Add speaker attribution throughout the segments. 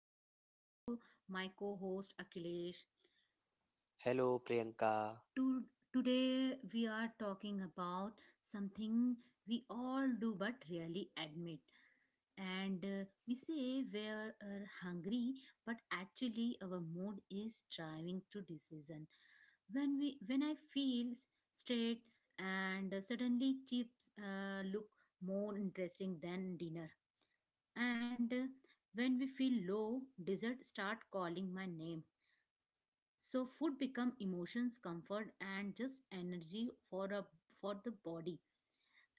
Speaker 1: and hello, my co host Akhilesh.
Speaker 2: Hello, Priyanka.
Speaker 1: To- Today, we are talking about something we all do but rarely admit. And we say we are hungry, but actually, our mood is driving to decision. When I feel straight and suddenly chips look more interesting than dinner and when we feel low dessert start calling my name, so food become emotions comfort and just energy for the body,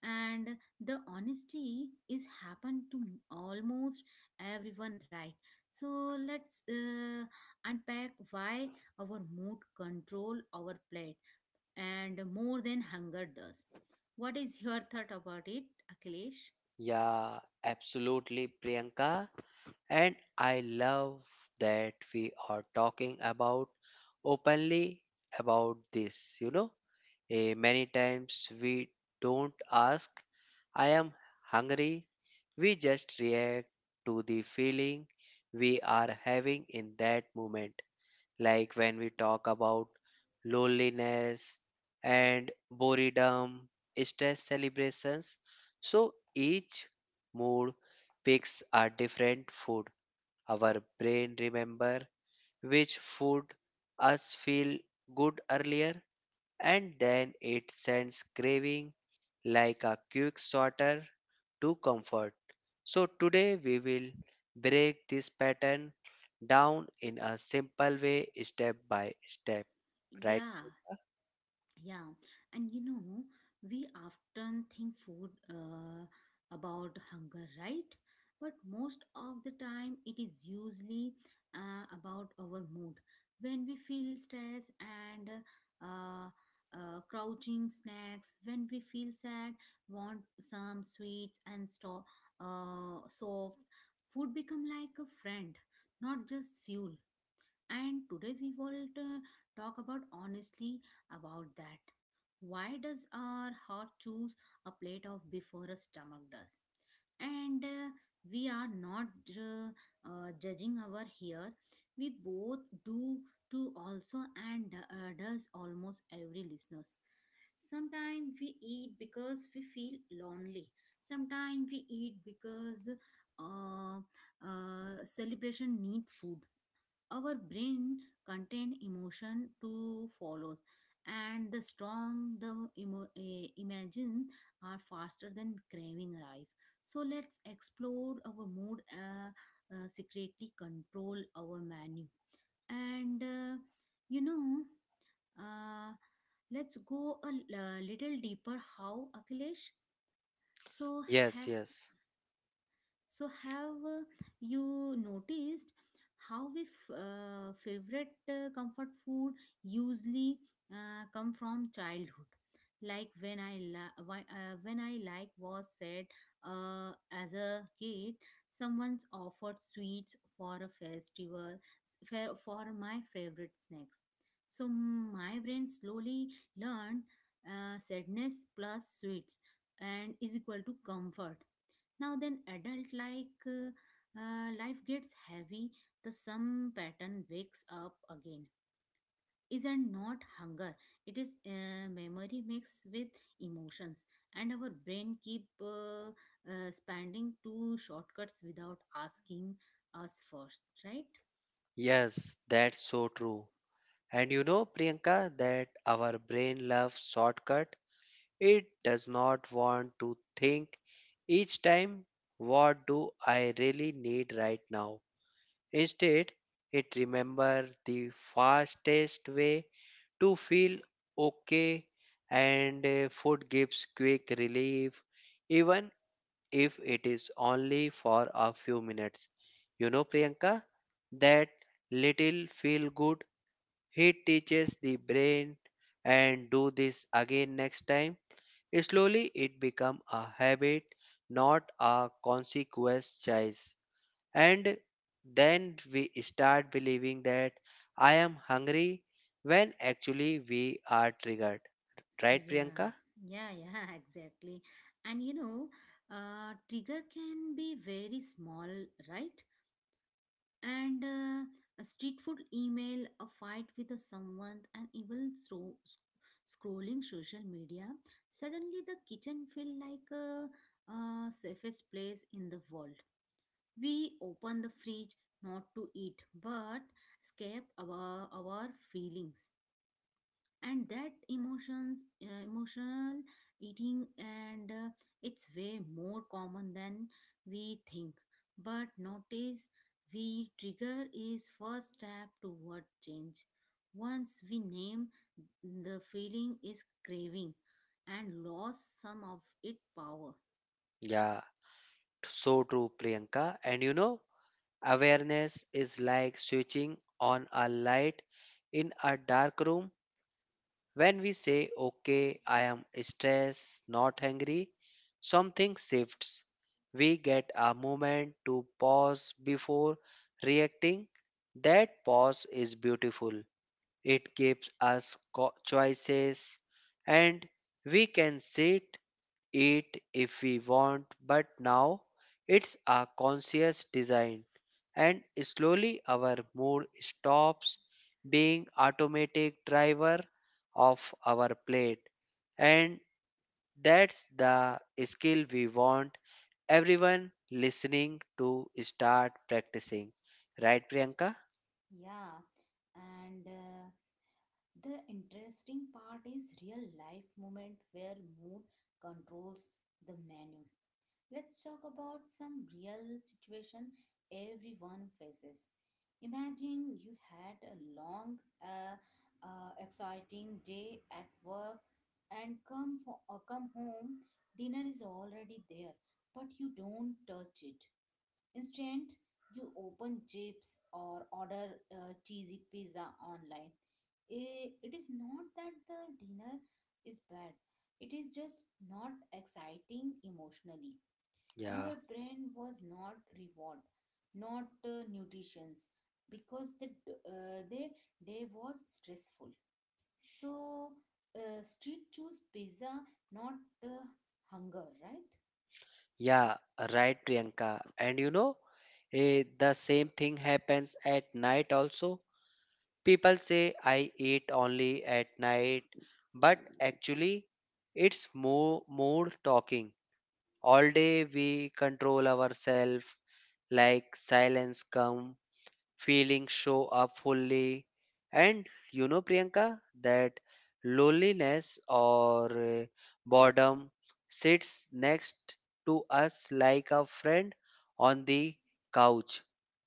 Speaker 1: and the honesty is happen to almost everyone, right? So let's unpack why our mood control our plate and more than hunger does. What is your thought about it, Akhilesh?
Speaker 2: Yeah, absolutely, Priyanka. And I love that we are talking about openly about this. You know, many times we don't ask, I am hungry. We just react to the feeling we are having in that moment. Like when we talk about loneliness and boredom, stress celebrations. So each mood picks a different food. Our brain remember which food us feel good earlier, and then it sends craving like a quick sorter to comfort. So, today we will break this pattern down in a simple way, step by step. Right,
Speaker 1: Yeah.
Speaker 2: Priyanka?
Speaker 1: Yeah, and you know, we often think food about hunger, right? But most of the time, it is usually about our mood. When we feel stress and uh, crouching snacks, when we feel sad, want some sweets and soft food become like a friend, not just fuel. And today we will talk about honestly about that. Why does our heart choose a plate of before a stomach does? And we are not uh, judging our here. We both do to also, and does almost every listeners. Sometimes we eat because we feel lonely. Sometimes we eat because uh, celebration need food, our brain contain emotion to follows, and the strong the imagine are faster than craving arrive. So let's explore our mood secretly control our menu and you know uh, let's go a little deeper how, Akhilesh. So
Speaker 2: Yes,
Speaker 1: ha-
Speaker 2: yes.
Speaker 1: so, have you noticed how we favorite comfort food usually come from childhood? Like when I like was said as a kid, someone's offered sweets for a festival for my favorite snacks. So my brain slowly learned sadness plus sweets and is equal to comfort now, then adult like life gets heavy, the some pattern wakes up again, isn't not hunger, it is memory mixed with emotions, and our brain keep spending two shortcuts without asking us first, right?
Speaker 2: Yes, that's so true. And you know, Priyanka, that our brain loves shortcut. It does not want to think each time, what do I really need right now? Instead, it remembers the fastest way to feel okay, and food gives quick relief even if it is only for a few minutes. You know, Priyanka, that little feel good hit teaches the brain and do this again next time. Slowly it become a habit, not a consequence choice, and then we start believing that I am hungry when actually we are triggered. Right,
Speaker 1: Yeah,
Speaker 2: Priyanka?
Speaker 1: yeah, yeah, exactly. And you know, trigger can be very small, right? And a street food email, a fight with a someone, and even so scrolling social media. Suddenly, the kitchen feel like a safest place in the world. We open the fridge not to eat, but escape our feelings, and that emotions emotional eating, and it's way more common than we think. But notice we trigger is first step toward change. Once we name the feeling is craving and lost some of its power.
Speaker 2: Yeah, so true, Priyanka. And you know, awareness is like switching on a light in a dark room. When we say, okay, I am stressed, not hungry, something shifts. We get a moment to pause before reacting. That pause is beautiful. It gives us co- choices, and we can sit it if we want, but now it's a conscious design, and slowly our mood stops being automatic driver of our plate. And that's the skill we want everyone listening to start practicing, right, Priyanka?
Speaker 1: Yeah. And the interesting part is real life moment where mood controls the menu. Let's talk about some real situation everyone faces. Imagine you had a long, exciting day at work, and come for or come home. Dinner is already there, but you don't touch it. Instead, you open chips or order cheesy pizza online. It is not that the dinner is bad; it is just not exciting emotionally.
Speaker 2: Yeah.
Speaker 1: Your brain was not reward, not nutrition, because their day was stressful. So street choose pizza, not uh, hunger, right?
Speaker 2: Yeah, right, Priyanka. And you know, the same thing happens at night also. People say I eat only at night, but actually, it's more mood talking. All day we control ourselves, like silence come feeling show up fully. And you know, Priyanka, that loneliness or boredom sits next to us like a friend on the couch.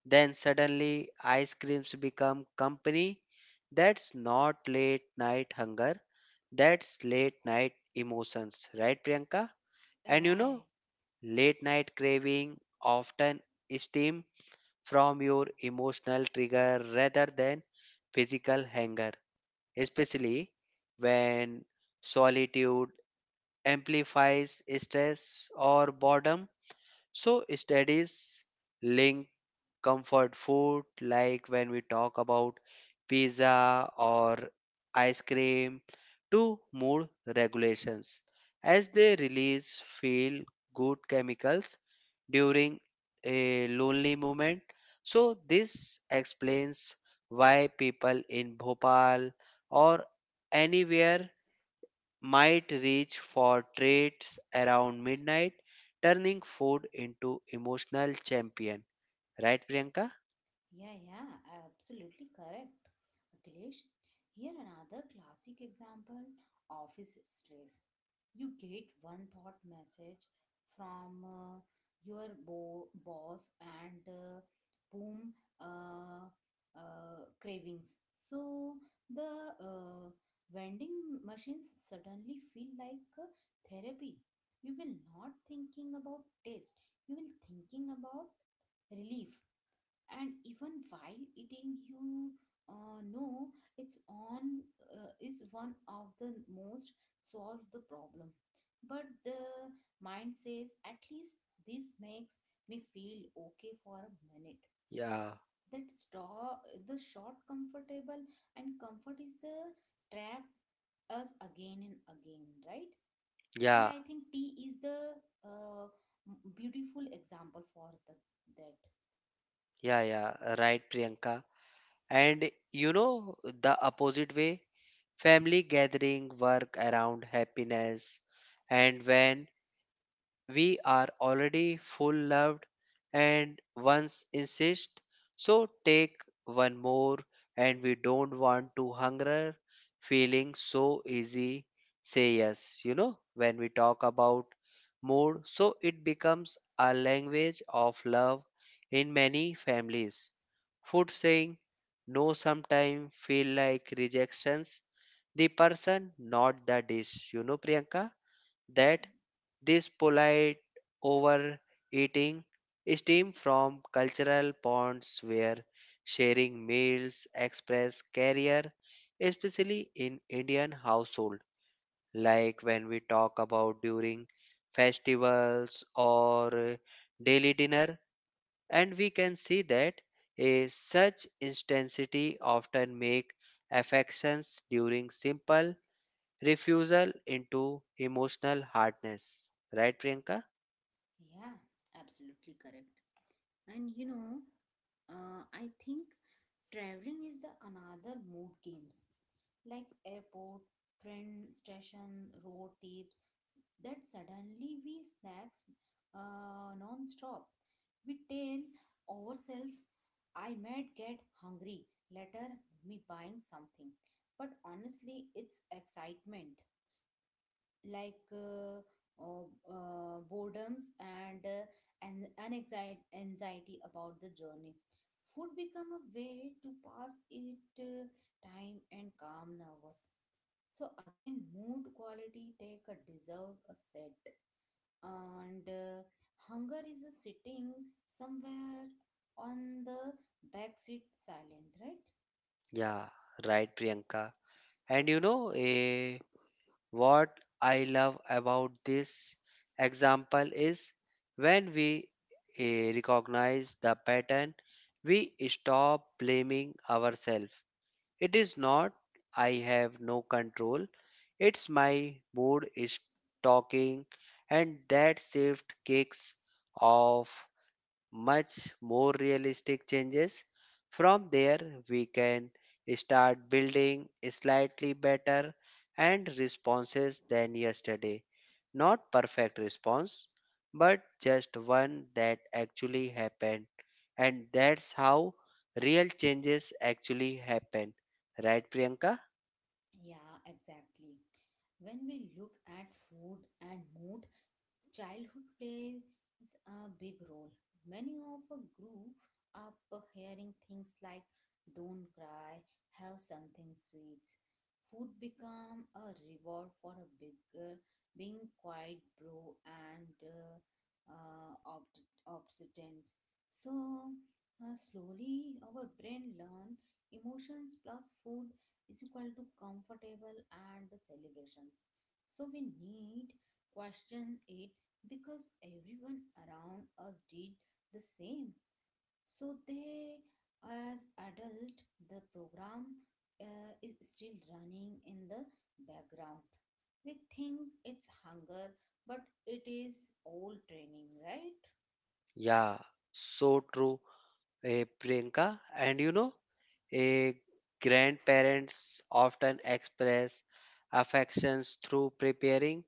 Speaker 2: Then suddenly, ice creams become company. That's not late night hunger, that's late night emotions, right, Priyanka? And you
Speaker 1: Right.
Speaker 2: know, late night craving often stem from your emotional trigger rather than physical anger, especially when solitude amplifies stress or boredom. So studies link comfort food, like when we talk about pizza or ice cream, to mood regulations as they release feel good chemicals during a lonely moment. So, this explains why people in Bhopal or anywhere might reach for traits around midnight, turning food into emotional champion. Right, Priyanka?
Speaker 1: Yeah, yeah, absolutely correct, Akhilesh. Here another classic example, office stress. You get one thought message from your boss and boom, uh, cravings. So the vending machines suddenly feel like therapy. You will not thinking about taste. You will thinking about relief, and even while eating you know it's on is one of the most solve the problem, but the mind says at least this makes me feel okay for a minute.
Speaker 2: Yeah,
Speaker 1: That straw the short comfortable, and comfort is the trap us again and again, right? And
Speaker 2: yeah,
Speaker 1: I think tea is the uh, beautiful example for the that.
Speaker 2: yeah. Right, Priyanka. And you know the opposite way, family gathering work around happiness, and when we are already full loved and once insist, so take one more, and we don't want to hunger feeling so easy say yes. You know, when we talk about mood, so it becomes a language of love. In many families food saying no sometimes feel like rejections the person, not the dish. You know, Priyanka, that this polite overeating stemmed from cultural bonds where sharing meals express career, especially in Indian household, like when we talk about during festivals or daily dinner, and we can see that a such intensity often make affections during simple refusal into emotional hardness. Right, Priyanka?
Speaker 1: Yeah, absolutely correct. And you know I think traveling is the another mood games, like airport, train station, road trips. That suddenly we snacks non-stop. We tell ourselves I might get hungry later, me buying something, but honestly it's excitement, like oh, boredoms and and an anxiety about the journey. Food become a way to pass it time and calm nervous. So again mood quality take a deserve a set, and hunger is a sitting somewhere on the back seat silent, right?
Speaker 2: Yeah, right, Priyanka. And you know, what I love about this example is when we recognize the pattern, we stop blaming ourselves. It is not, I have no control, it's my mood is talking, and that shift kicks off much more realistic changes. From there, we can start building slightly better and responses than yesterday. Not perfect response, but just one that actually happened. And that's how real changes actually happen. Right, Priyanka?
Speaker 1: Yeah, exactly. When we look at food and mood, childhood plays a big role. Many of us grew up hearing things like don't cry, have something sweet. Food became a reward for a bigger, being quite bro and obstinate. So slowly our brain learn emotions plus food is equal to comfortable and celebrations. So we need question it because everyone around us did the same, so they as adult the program is still running in the background. We think it's hunger, but it is old training, right?
Speaker 2: Yeah, so true. Priyanka. And you know, eh, grandparents often express affections through preparing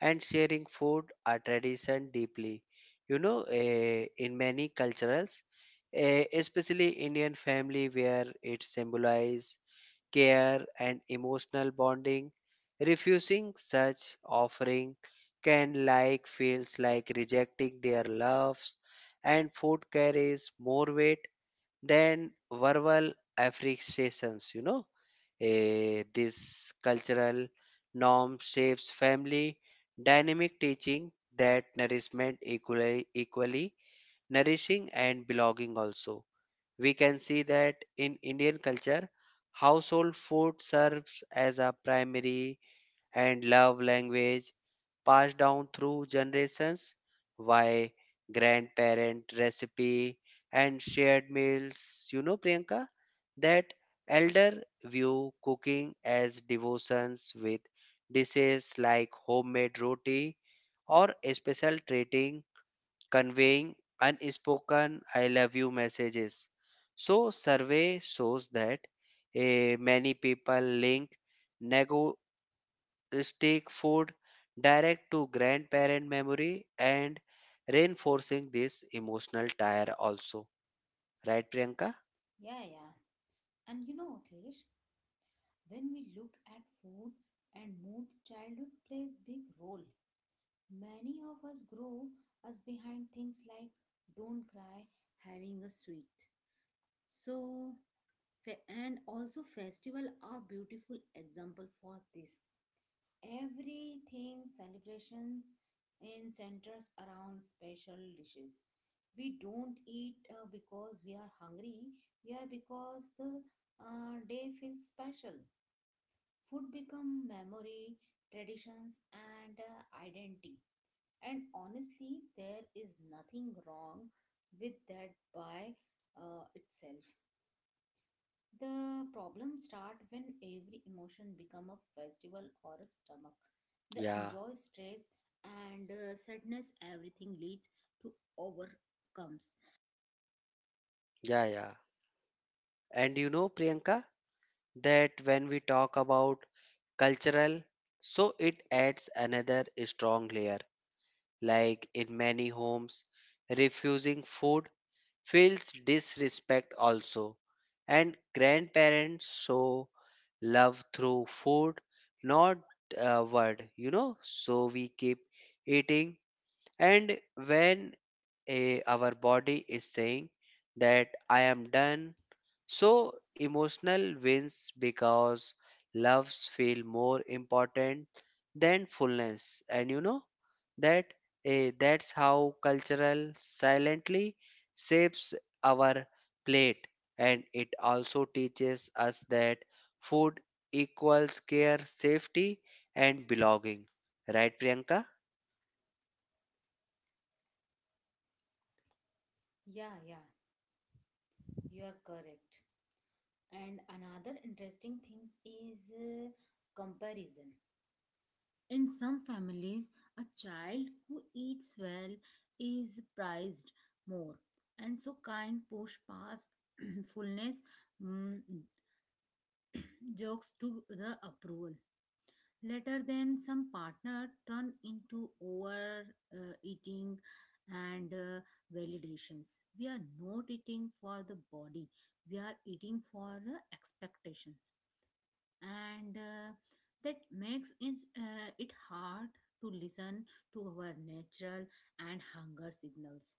Speaker 2: and sharing food, a tradition deeply. You know, in many cultures, especially Indian family, where it symbolizes care and emotional bonding, refusing such offering can like feels like rejecting their loves, and food carries more weight then verbal affectations. You know, this cultural norm shapes family dynamic teaching that nourishment equally nourishing and belonging also. We can see that in Indian culture household food serves as a primary and love language passed down through generations by grandparent recipe and shared meals. You know, Priyanka, that elder view cooking as devotions with dishes like homemade roti or a special treating conveying unspoken I love you messages. So survey shows that many people link nego stick food direct to grandparent memory and reinforcing this emotional tire also, right, Priyanka?
Speaker 1: Yeah, yeah, and you know, Akhilesh, when we look at food and mood, childhood plays big role. Many of us grow us behind things like don't cry, having a sweet. So and also festival are beautiful example for this. Everything celebrations in centers around special dishes. We don't eat because we are hungry, we are because the day feels special. Food become memory, traditions, and identity, and honestly there is nothing wrong with that by itself. The problem start when every emotion become a festival or a stomach. The
Speaker 2: yeah
Speaker 1: enjoy stress and sadness, everything leads to overcomes.
Speaker 2: yeah yeah And you know, Priyanka, that when we talk about cultural, so it adds another strong layer. Like in many homes refusing food feels disrespect also. And grandparents show love through food, not a word, you know. So we keep eating, and when our body is saying that I am done, so emotional wins because loves feel more important than fullness. And you know that that's how cultural silently shapes our plate, and it also teaches us that food equals care, safety and belonging. Right, Priyanka?
Speaker 1: Yeah, yeah, you are correct. And another interesting things is comparison. In some families, a child who eats well is prized more, and so kind push past fullness, mm, jokes to the approval. Later then some partner turn into over eating and validations. We are not eating for the body, we are eating for expectations, and that makes it hard to listen to our natural and hunger signals.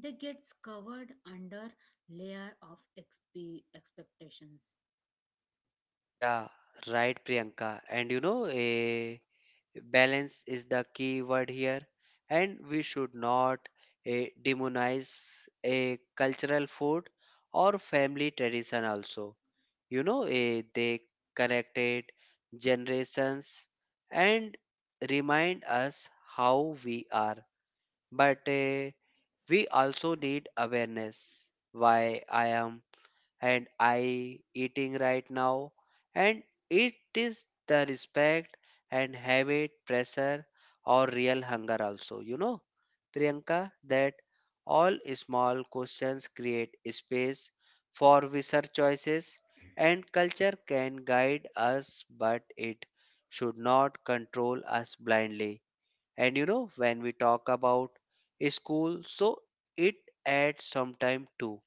Speaker 1: They gets covered under layer of expectations.
Speaker 2: Yeah, right, Priyanka. And you know, balance is the key word here, and we should not demonize a cultural food or family tradition also. You know, they connected generations and remind us how we are, but we also need awareness why I eating right now. And it is the respect and habit, pressure, or real hunger also. You know, Priyanka, that all small questions create space for research choices, and culture can guide us, but it should not control us blindly. And you know, when we talk about school, so it adds some time too,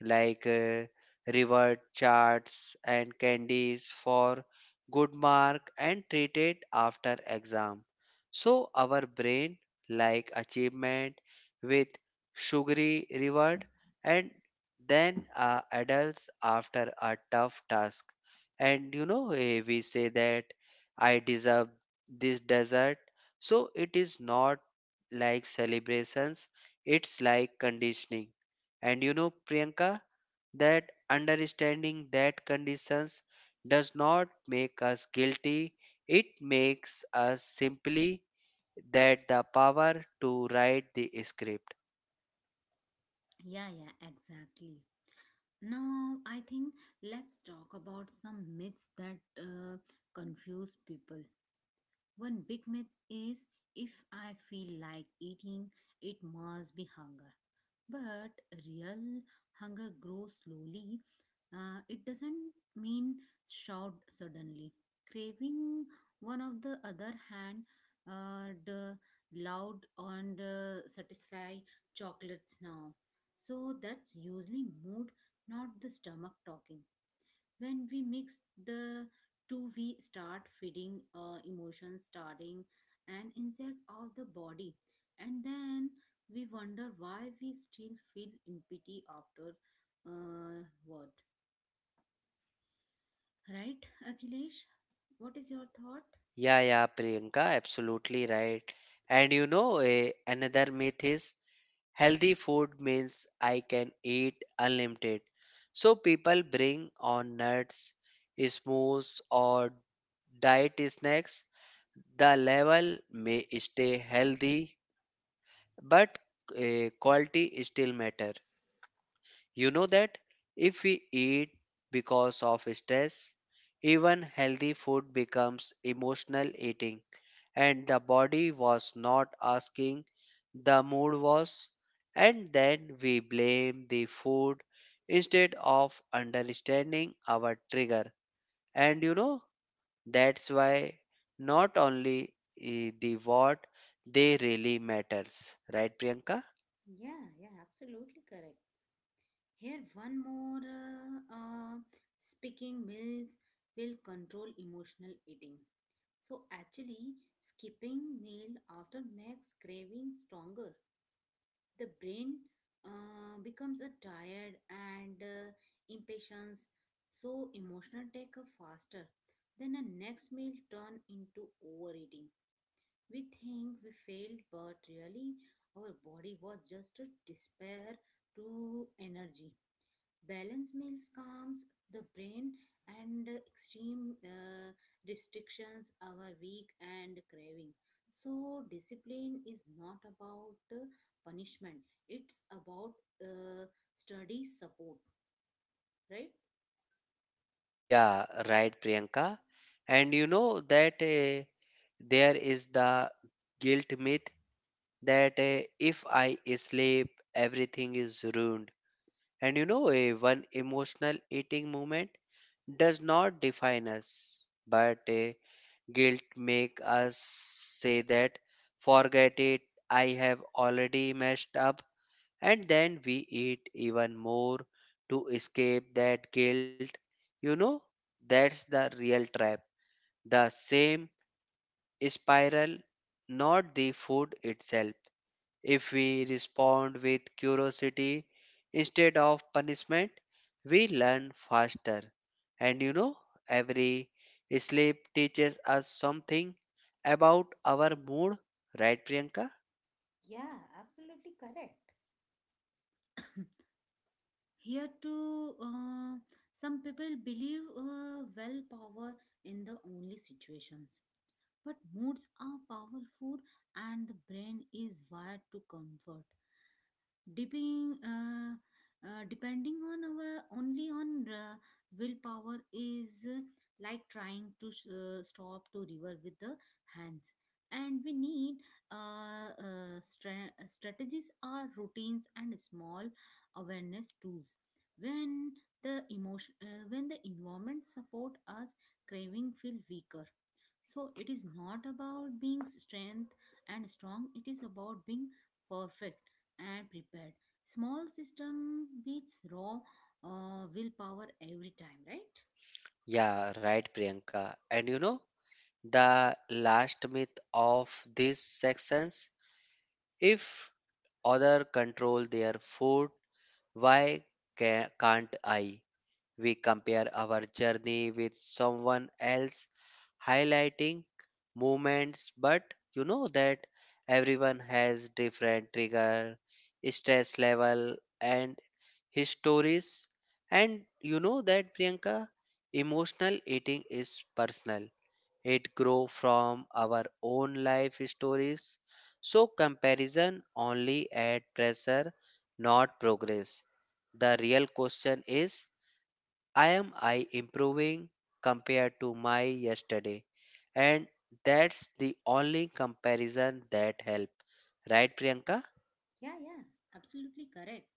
Speaker 2: like reward charts and candies for good mark and treat it after exam. So our brain like achievement with sugary reward, and then adults after a tough task. And you know we say that I deserve this dessert. So it is not like celebrations, it's like conditioning. And you know, Priyanka, that understanding that conditions does not make us guilty, it makes us simply that the power to write the script.
Speaker 1: Yeah, yeah, exactly. Now, I think let's talk about some myths that confuse people. One big myth is if I feel like eating, it must be hunger. But real hunger grows slowly. It doesn't mean shout suddenly. Craving, one of the other hand, the loud and satisfy chocolates now. So that's usually mood, not the stomach talking. When we mix the two, we start feeding emotions starting and inside of the body, and then we wonder why we still feel empty after uh, what, right, Akhilesh? What is your thought?
Speaker 2: Yeah, Priyanka, absolutely right. And you know, another myth is healthy food means I can eat unlimited. So people bring on nuts, smoothies, or diet snacks. The level may stay healthy, but quality still matter. You know that if we eat because of stress, even healthy food becomes emotional eating, and the body was not asking, the mood was, and then we blame the food instead of understanding our trigger. And you know, that's why not only the what they really matters, right, Priyanka?
Speaker 1: Yeah, yeah, absolutely correct. Here one more speaking meals will control emotional eating. So actually skipping meal after makes craving stronger. The brain becomes a tired and impatience, so emotional take a faster, then a next meal turn into overeating. We think we failed, but really our body was just a despair to energy. Balanced meals calms the brain, and extreme restrictions are weak and craving. So, discipline is not about punishment, it's about uh, study support, right?
Speaker 2: Yeah, right, Priyanka. And you know that there is the guilt myth that if I sleep, everything is ruined. And you know, one emotional eating moment does not define us, but guilt make us say that forget it. I have already messed up, and then we eat even more to escape that guilt. You know, that's the real trap. The same spiral, not the food itself. If we respond with curiosity instead of punishment, we learn faster. And you know, every sleep teaches us something about our mood, right, Priyanka?
Speaker 1: Yeah, absolutely correct. Here too, some people believe well power in the only situations. But moods are powerful and the brain is wired to comfort. Dipping, uh, depending on our only on willpower is like trying to stop to river with the hands, and we need strategies are routines and small awareness tools. When the emotion when the environment support us, craving feel weaker. So it is not about being strength and strong, it is about being perfect and prepared. Small system beats raw willpower every time, right?
Speaker 2: Yeah, right, Priyanka. And you know, the last myth of these sections, if other control their food, why can't I? We compare our journey with someone else, highlighting movements, but you know that everyone has different trigger, stress level, and histories. And you know that, Priyanka, emotional eating is personal, it grow from our own life stories. So comparison only add pressure not progress. The real question is, I am I improving compared to my yesterday, and that's the only comparison that help, right, Priyanka?
Speaker 1: Yeah, yeah, absolutely correct.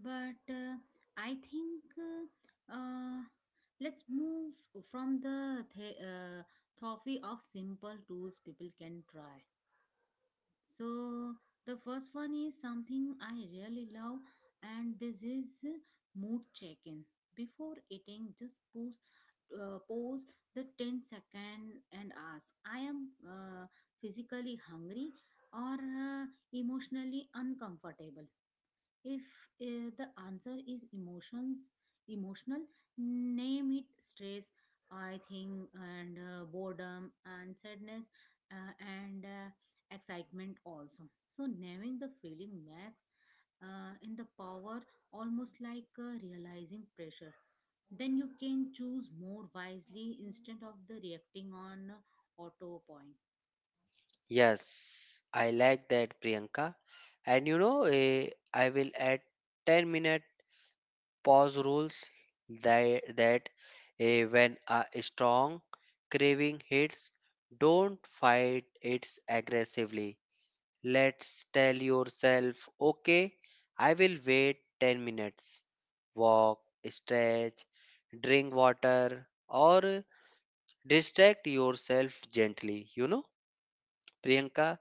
Speaker 1: But I think let's move from the trophy of simple tools people can try. So the first one is something I really love, and this is mood check-in. Before eating, just pause the 10 second, and ask, I am physically hungry or emotionally uncomfortable. If the answer is emotions emotional, name it stress, I think, and boredom and sadness, and excitement also. So naming the feeling max in the power, almost like realizing pressure, then you can choose more wisely instead of the reacting on auto point.
Speaker 2: Yes, I like that, Priyanka. And you know, I will add 10-minute pause rules that when a strong craving hits, don't fight it aggressively. Let's tell yourself, okay, I will wait 10 minutes. Walk, stretch, drink water, or distract yourself gently. You know, Priyanka,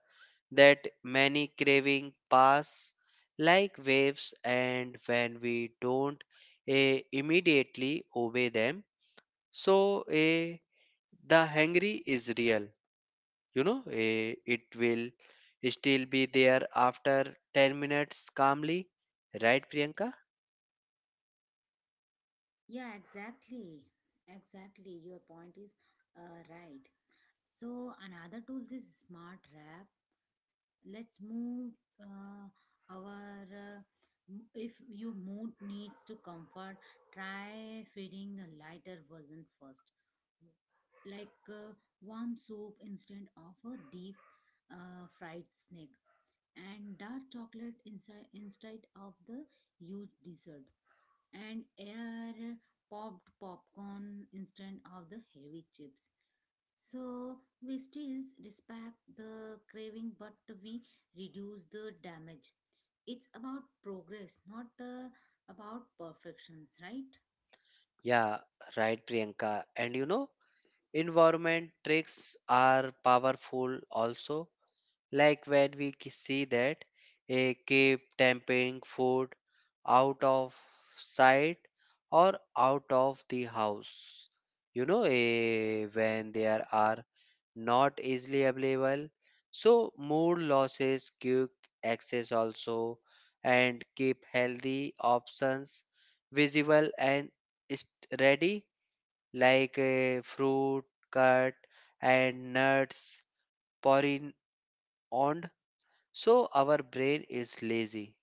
Speaker 2: that many craving pass like waves and when we don't immediately obey them. So the hungry is real. You know, it will still be there after 10 minutes calmly, right, Priyanka?
Speaker 1: Yeah, exactly. Exactly your point is right. So another tool is smart wrap. Let's move uh, our uh, if your mood needs to comfort, try feeding the lighter version first, like warm soup instead of a deep fried snack, and dark chocolate inside instead of the huge dessert, and air popped popcorn instead of the heavy chips. So we still respect the craving, but we reduce the damage. It's about progress, not about perfections, right?
Speaker 2: Yeah, right, Priyanka. And you know, environment tricks are powerful also. Like when we see that a keep tempting food out of sight or out of the house. You know, when there are not easily available. So mood losses, quick access also, and keep healthy options visible and is ready, like fruit, cut, and nuts, pouring. So our brain is lazy.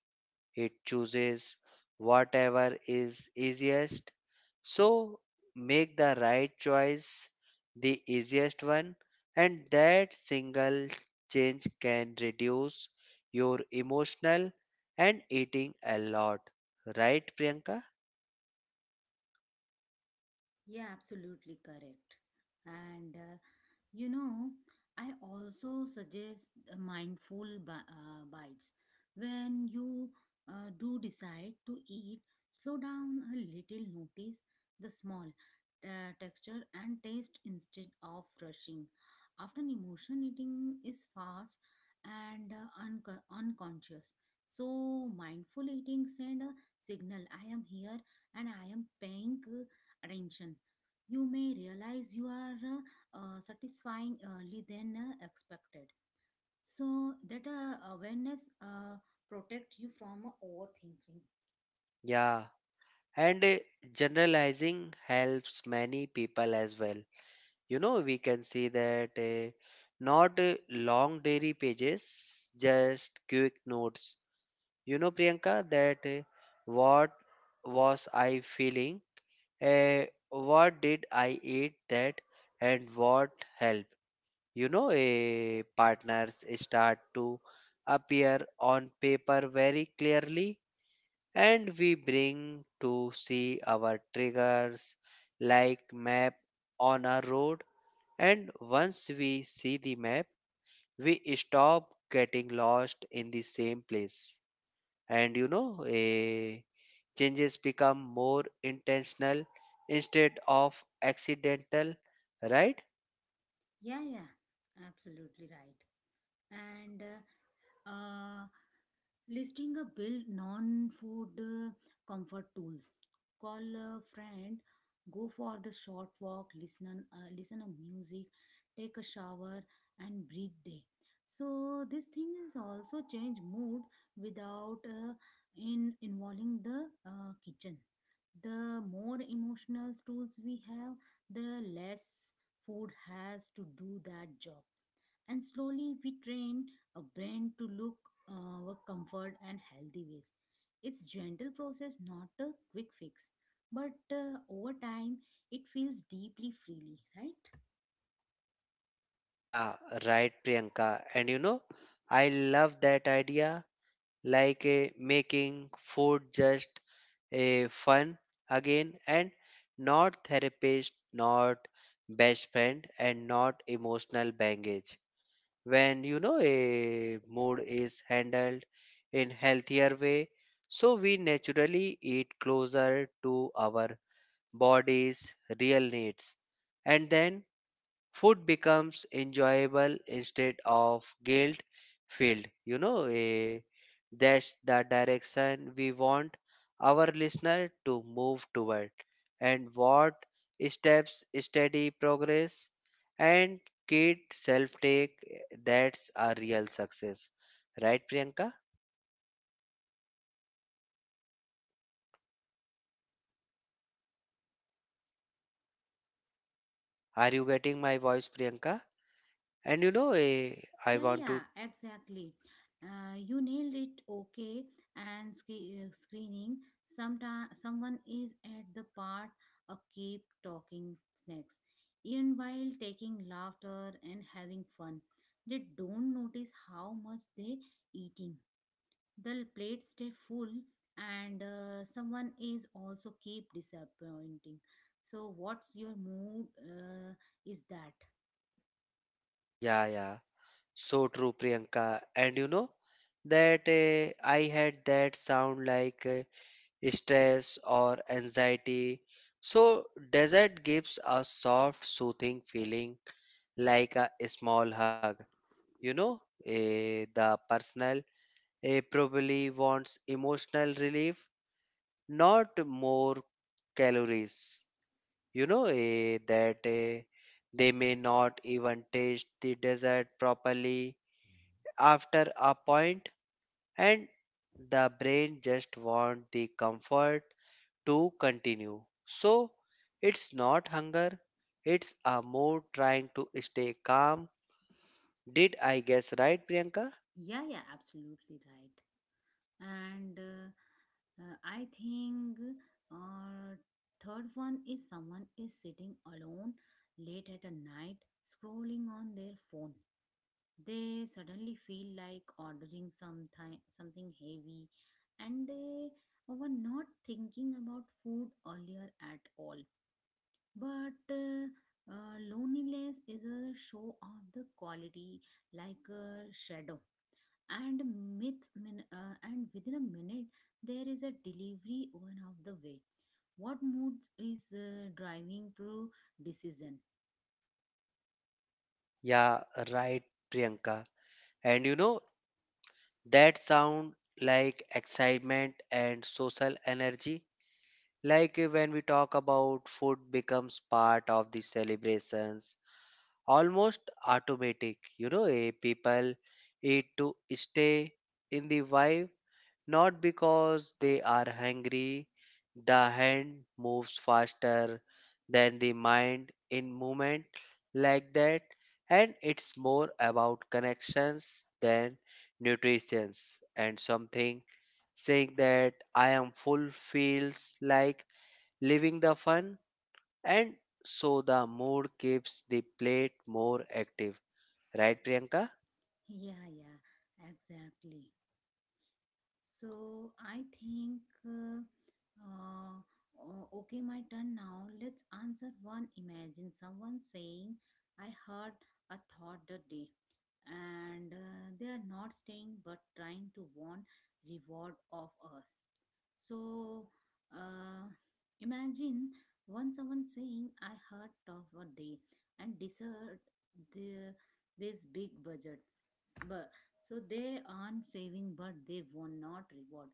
Speaker 2: It chooses whatever is easiest. So make the right choice, the easiest one, and that single change can reduce your emotional and eating a lot. Right, Priyanka?
Speaker 1: Yeah, absolutely correct. And uh, You know, I also suggest bites. When you do decide to eat, slow down a little, notice the small texture and taste instead of rushing. Often, emotion eating is fast and unconscious. So, mindful eating send a signal I am here and I am paying attention. You may realize you are satisfyingly than expected. So that awareness protect you from overthinking.
Speaker 2: Yeah. And generalizing helps many people as well. You know, we can see that not long dairy pages, just quick notes, you know, Priyanka, that what was I feeling, uh, what did I eat that, and what helped. You know, partners start to appear on paper very clearly, and we bring to see our triggers like map on a road. And once we see the map, we stop getting lost in the same place. And you know, changes become more intentional instead of accidental, right?
Speaker 1: Yeah, absolutely right. And uh, Listing a build non-food comfort tools, call a friend, go for the short walk, listen a music, take a shower, and breathe day. So this thing is also change mood without in involving the kitchen. The more emotional tools we have, the less food has to do that job, and slowly we train a brain to look for comfort and healthy ways. It's gentle process, not a quick fix, but over time it feels deeply freely, right?
Speaker 2: Yeah, right, Priyanka. And you know, I love that idea, like making food just a fun again, and not therapist, not best friend, and not emotional baggage. When you know a mood is handled in healthier way, so we naturally eat closer to our body's real needs, and then food becomes enjoyable instead of guilt filled, you know, that's the direction we want our listener to move toward. And what steps, steady progress, and kid self take, that's a real success, right, Priyanka? Are you getting my voice, Priyanka? And you know, I
Speaker 1: Yeah,
Speaker 2: want
Speaker 1: yeah,
Speaker 2: to
Speaker 1: exactly. You nailed it. Okay, and screening. Sometime someone is at the part of keep talking snacks, even while taking laughter and having fun. They don't notice how much they eating. The plate stay full, and someone is also keep disappointing. So, what's your mood? Is that?
Speaker 2: yeah. So true, Priyanka. And you know that I had that sound like stress or anxiety. So, desert gives a soft, soothing feeling like a small hug. You know, the personal probably wants emotional relief, not more calories. You know, they may not even taste the desert properly after a point, and the brain just wants the comfort to continue. So it's not hunger, it's a mood trying to stay calm. Did I guess right, Priyanka?
Speaker 1: Yeah, yeah, absolutely right. and I think uh, Third one is someone is sitting alone late at a night, scrolling on their phone. They suddenly feel like ordering something heavy, and they were not thinking about food earlier at all. But loneliness is a show of the quality, like a shadow. And and within a minute there is a delivery one of the way. What mood is driving through decision?
Speaker 2: Yeah, right, Priyanka. And you know, that sound like excitement and social energy. Like when we talk about food becomes part of the celebrations, almost automatic. You know, people eat to stay in the vibe, not because they are hungry. The hand moves faster than the mind in movement like that, and it's more about connections than nutritions. And something saying that I am full feels like leaving the fun, and so the mood keeps the plate more active, right, Priyanka?
Speaker 1: Yeah, yeah, exactly. So I think, uh, uh, okay, my turn now. Let's answer one. Imagine someone saying, I heard a thought the day, and they are not staying but trying to want reward of us. So, uh, imagine one someone saying, I heard of a day and deserved the, this big budget. So they earn saving, but they were not reward.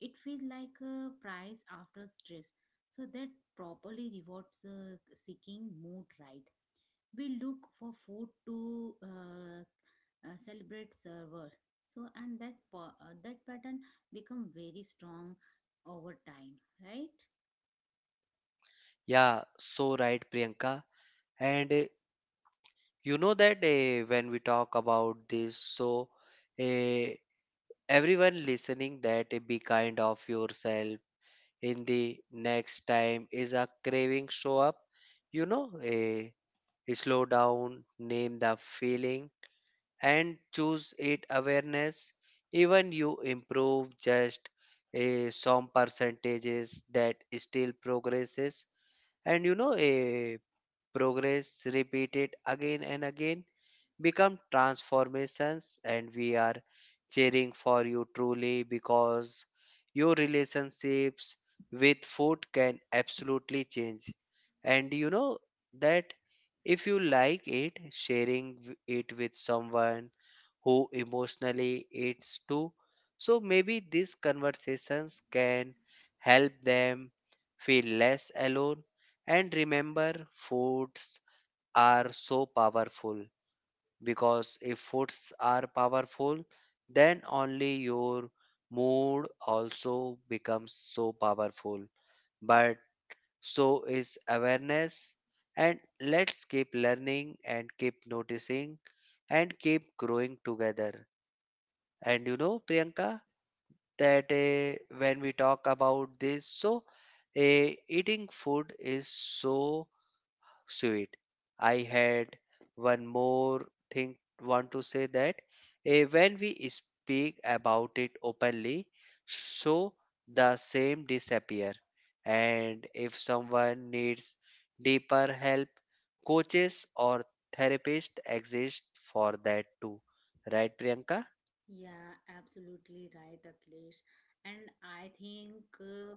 Speaker 1: It feels like a prize after stress. So that properly rewards the seeking mood, right? We look for food to celebrate server. So and that pattern become very strong over time, right?
Speaker 2: Yeah, so right, Priyanka. And you know that when we talk about this, so uh, everyone listening that be kind of yourself in the next time is a craving show up. You know, slow down, name the feeling, and choose it awareness. Even you improve just a some percentages, that still progresses. And you know, a progress repeated again and again become transformations, and we are cheering for you truly because your relationships with food can absolutely change. And you know that if you like it sharing it with someone who emotionally eats too. So maybe these conversations can help them feel less alone, and remember foods are so powerful, because if foods are powerful, then only your mood also becomes so powerful. But so is awareness, and let's keep learning and keep noticing and keep growing together. And you know, Priyanka, that when we talk about this, so eating food is so sweet. I had one more thing want to say that when we speak about it openly, so the same disappear. And if someone needs deeper help, coaches or therapists exist for that too. Right, Priyanka?
Speaker 1: Yeah, absolutely right, Akhilesh. And I think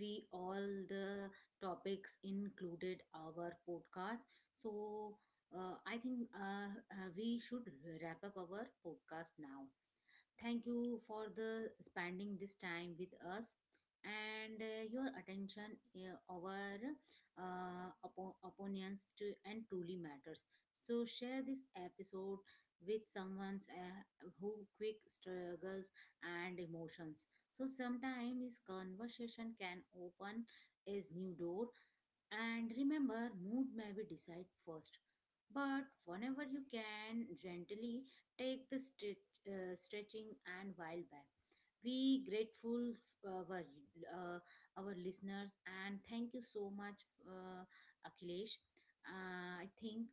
Speaker 1: we all the topics included our podcast. So I think we should wrap up our podcast now. Thank you for the spending this time with us, and your attention our opinions to and truly matters. So share this episode with someone who quick struggles and emotions. So sometimes this conversation can open a new door. And remember, mood may be decide first. But whenever you can, gently take the stretching and while back. We grateful uh, our, uh, our listeners, and thank you so much, Akhilesh. I think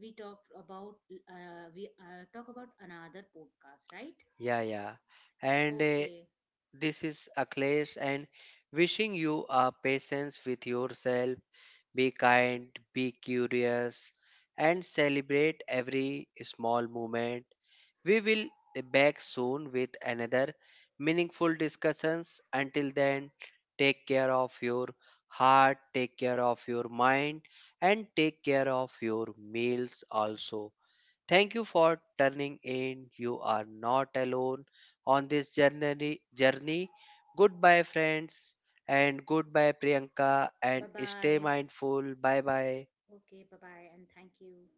Speaker 1: we talked about we talk about another podcast, right?
Speaker 2: Yeah, yeah. And
Speaker 1: Okay.
Speaker 2: this is Akhilesh, and wishing you a patience with yourself. Be kind, be curious, and celebrate every small moment. We will be back soon with another meaningful discussions. Until then, take care of your heart, take care of your mind, and take care of your meals also. Thank you for turning in. You are not alone on this journey. Journey. Goodbye, friends, and goodbye, Priyanka,
Speaker 1: Bye
Speaker 2: and stay
Speaker 1: bye.
Speaker 2: mindful. Bye bye.
Speaker 1: Okay. Bye bye, and thank you.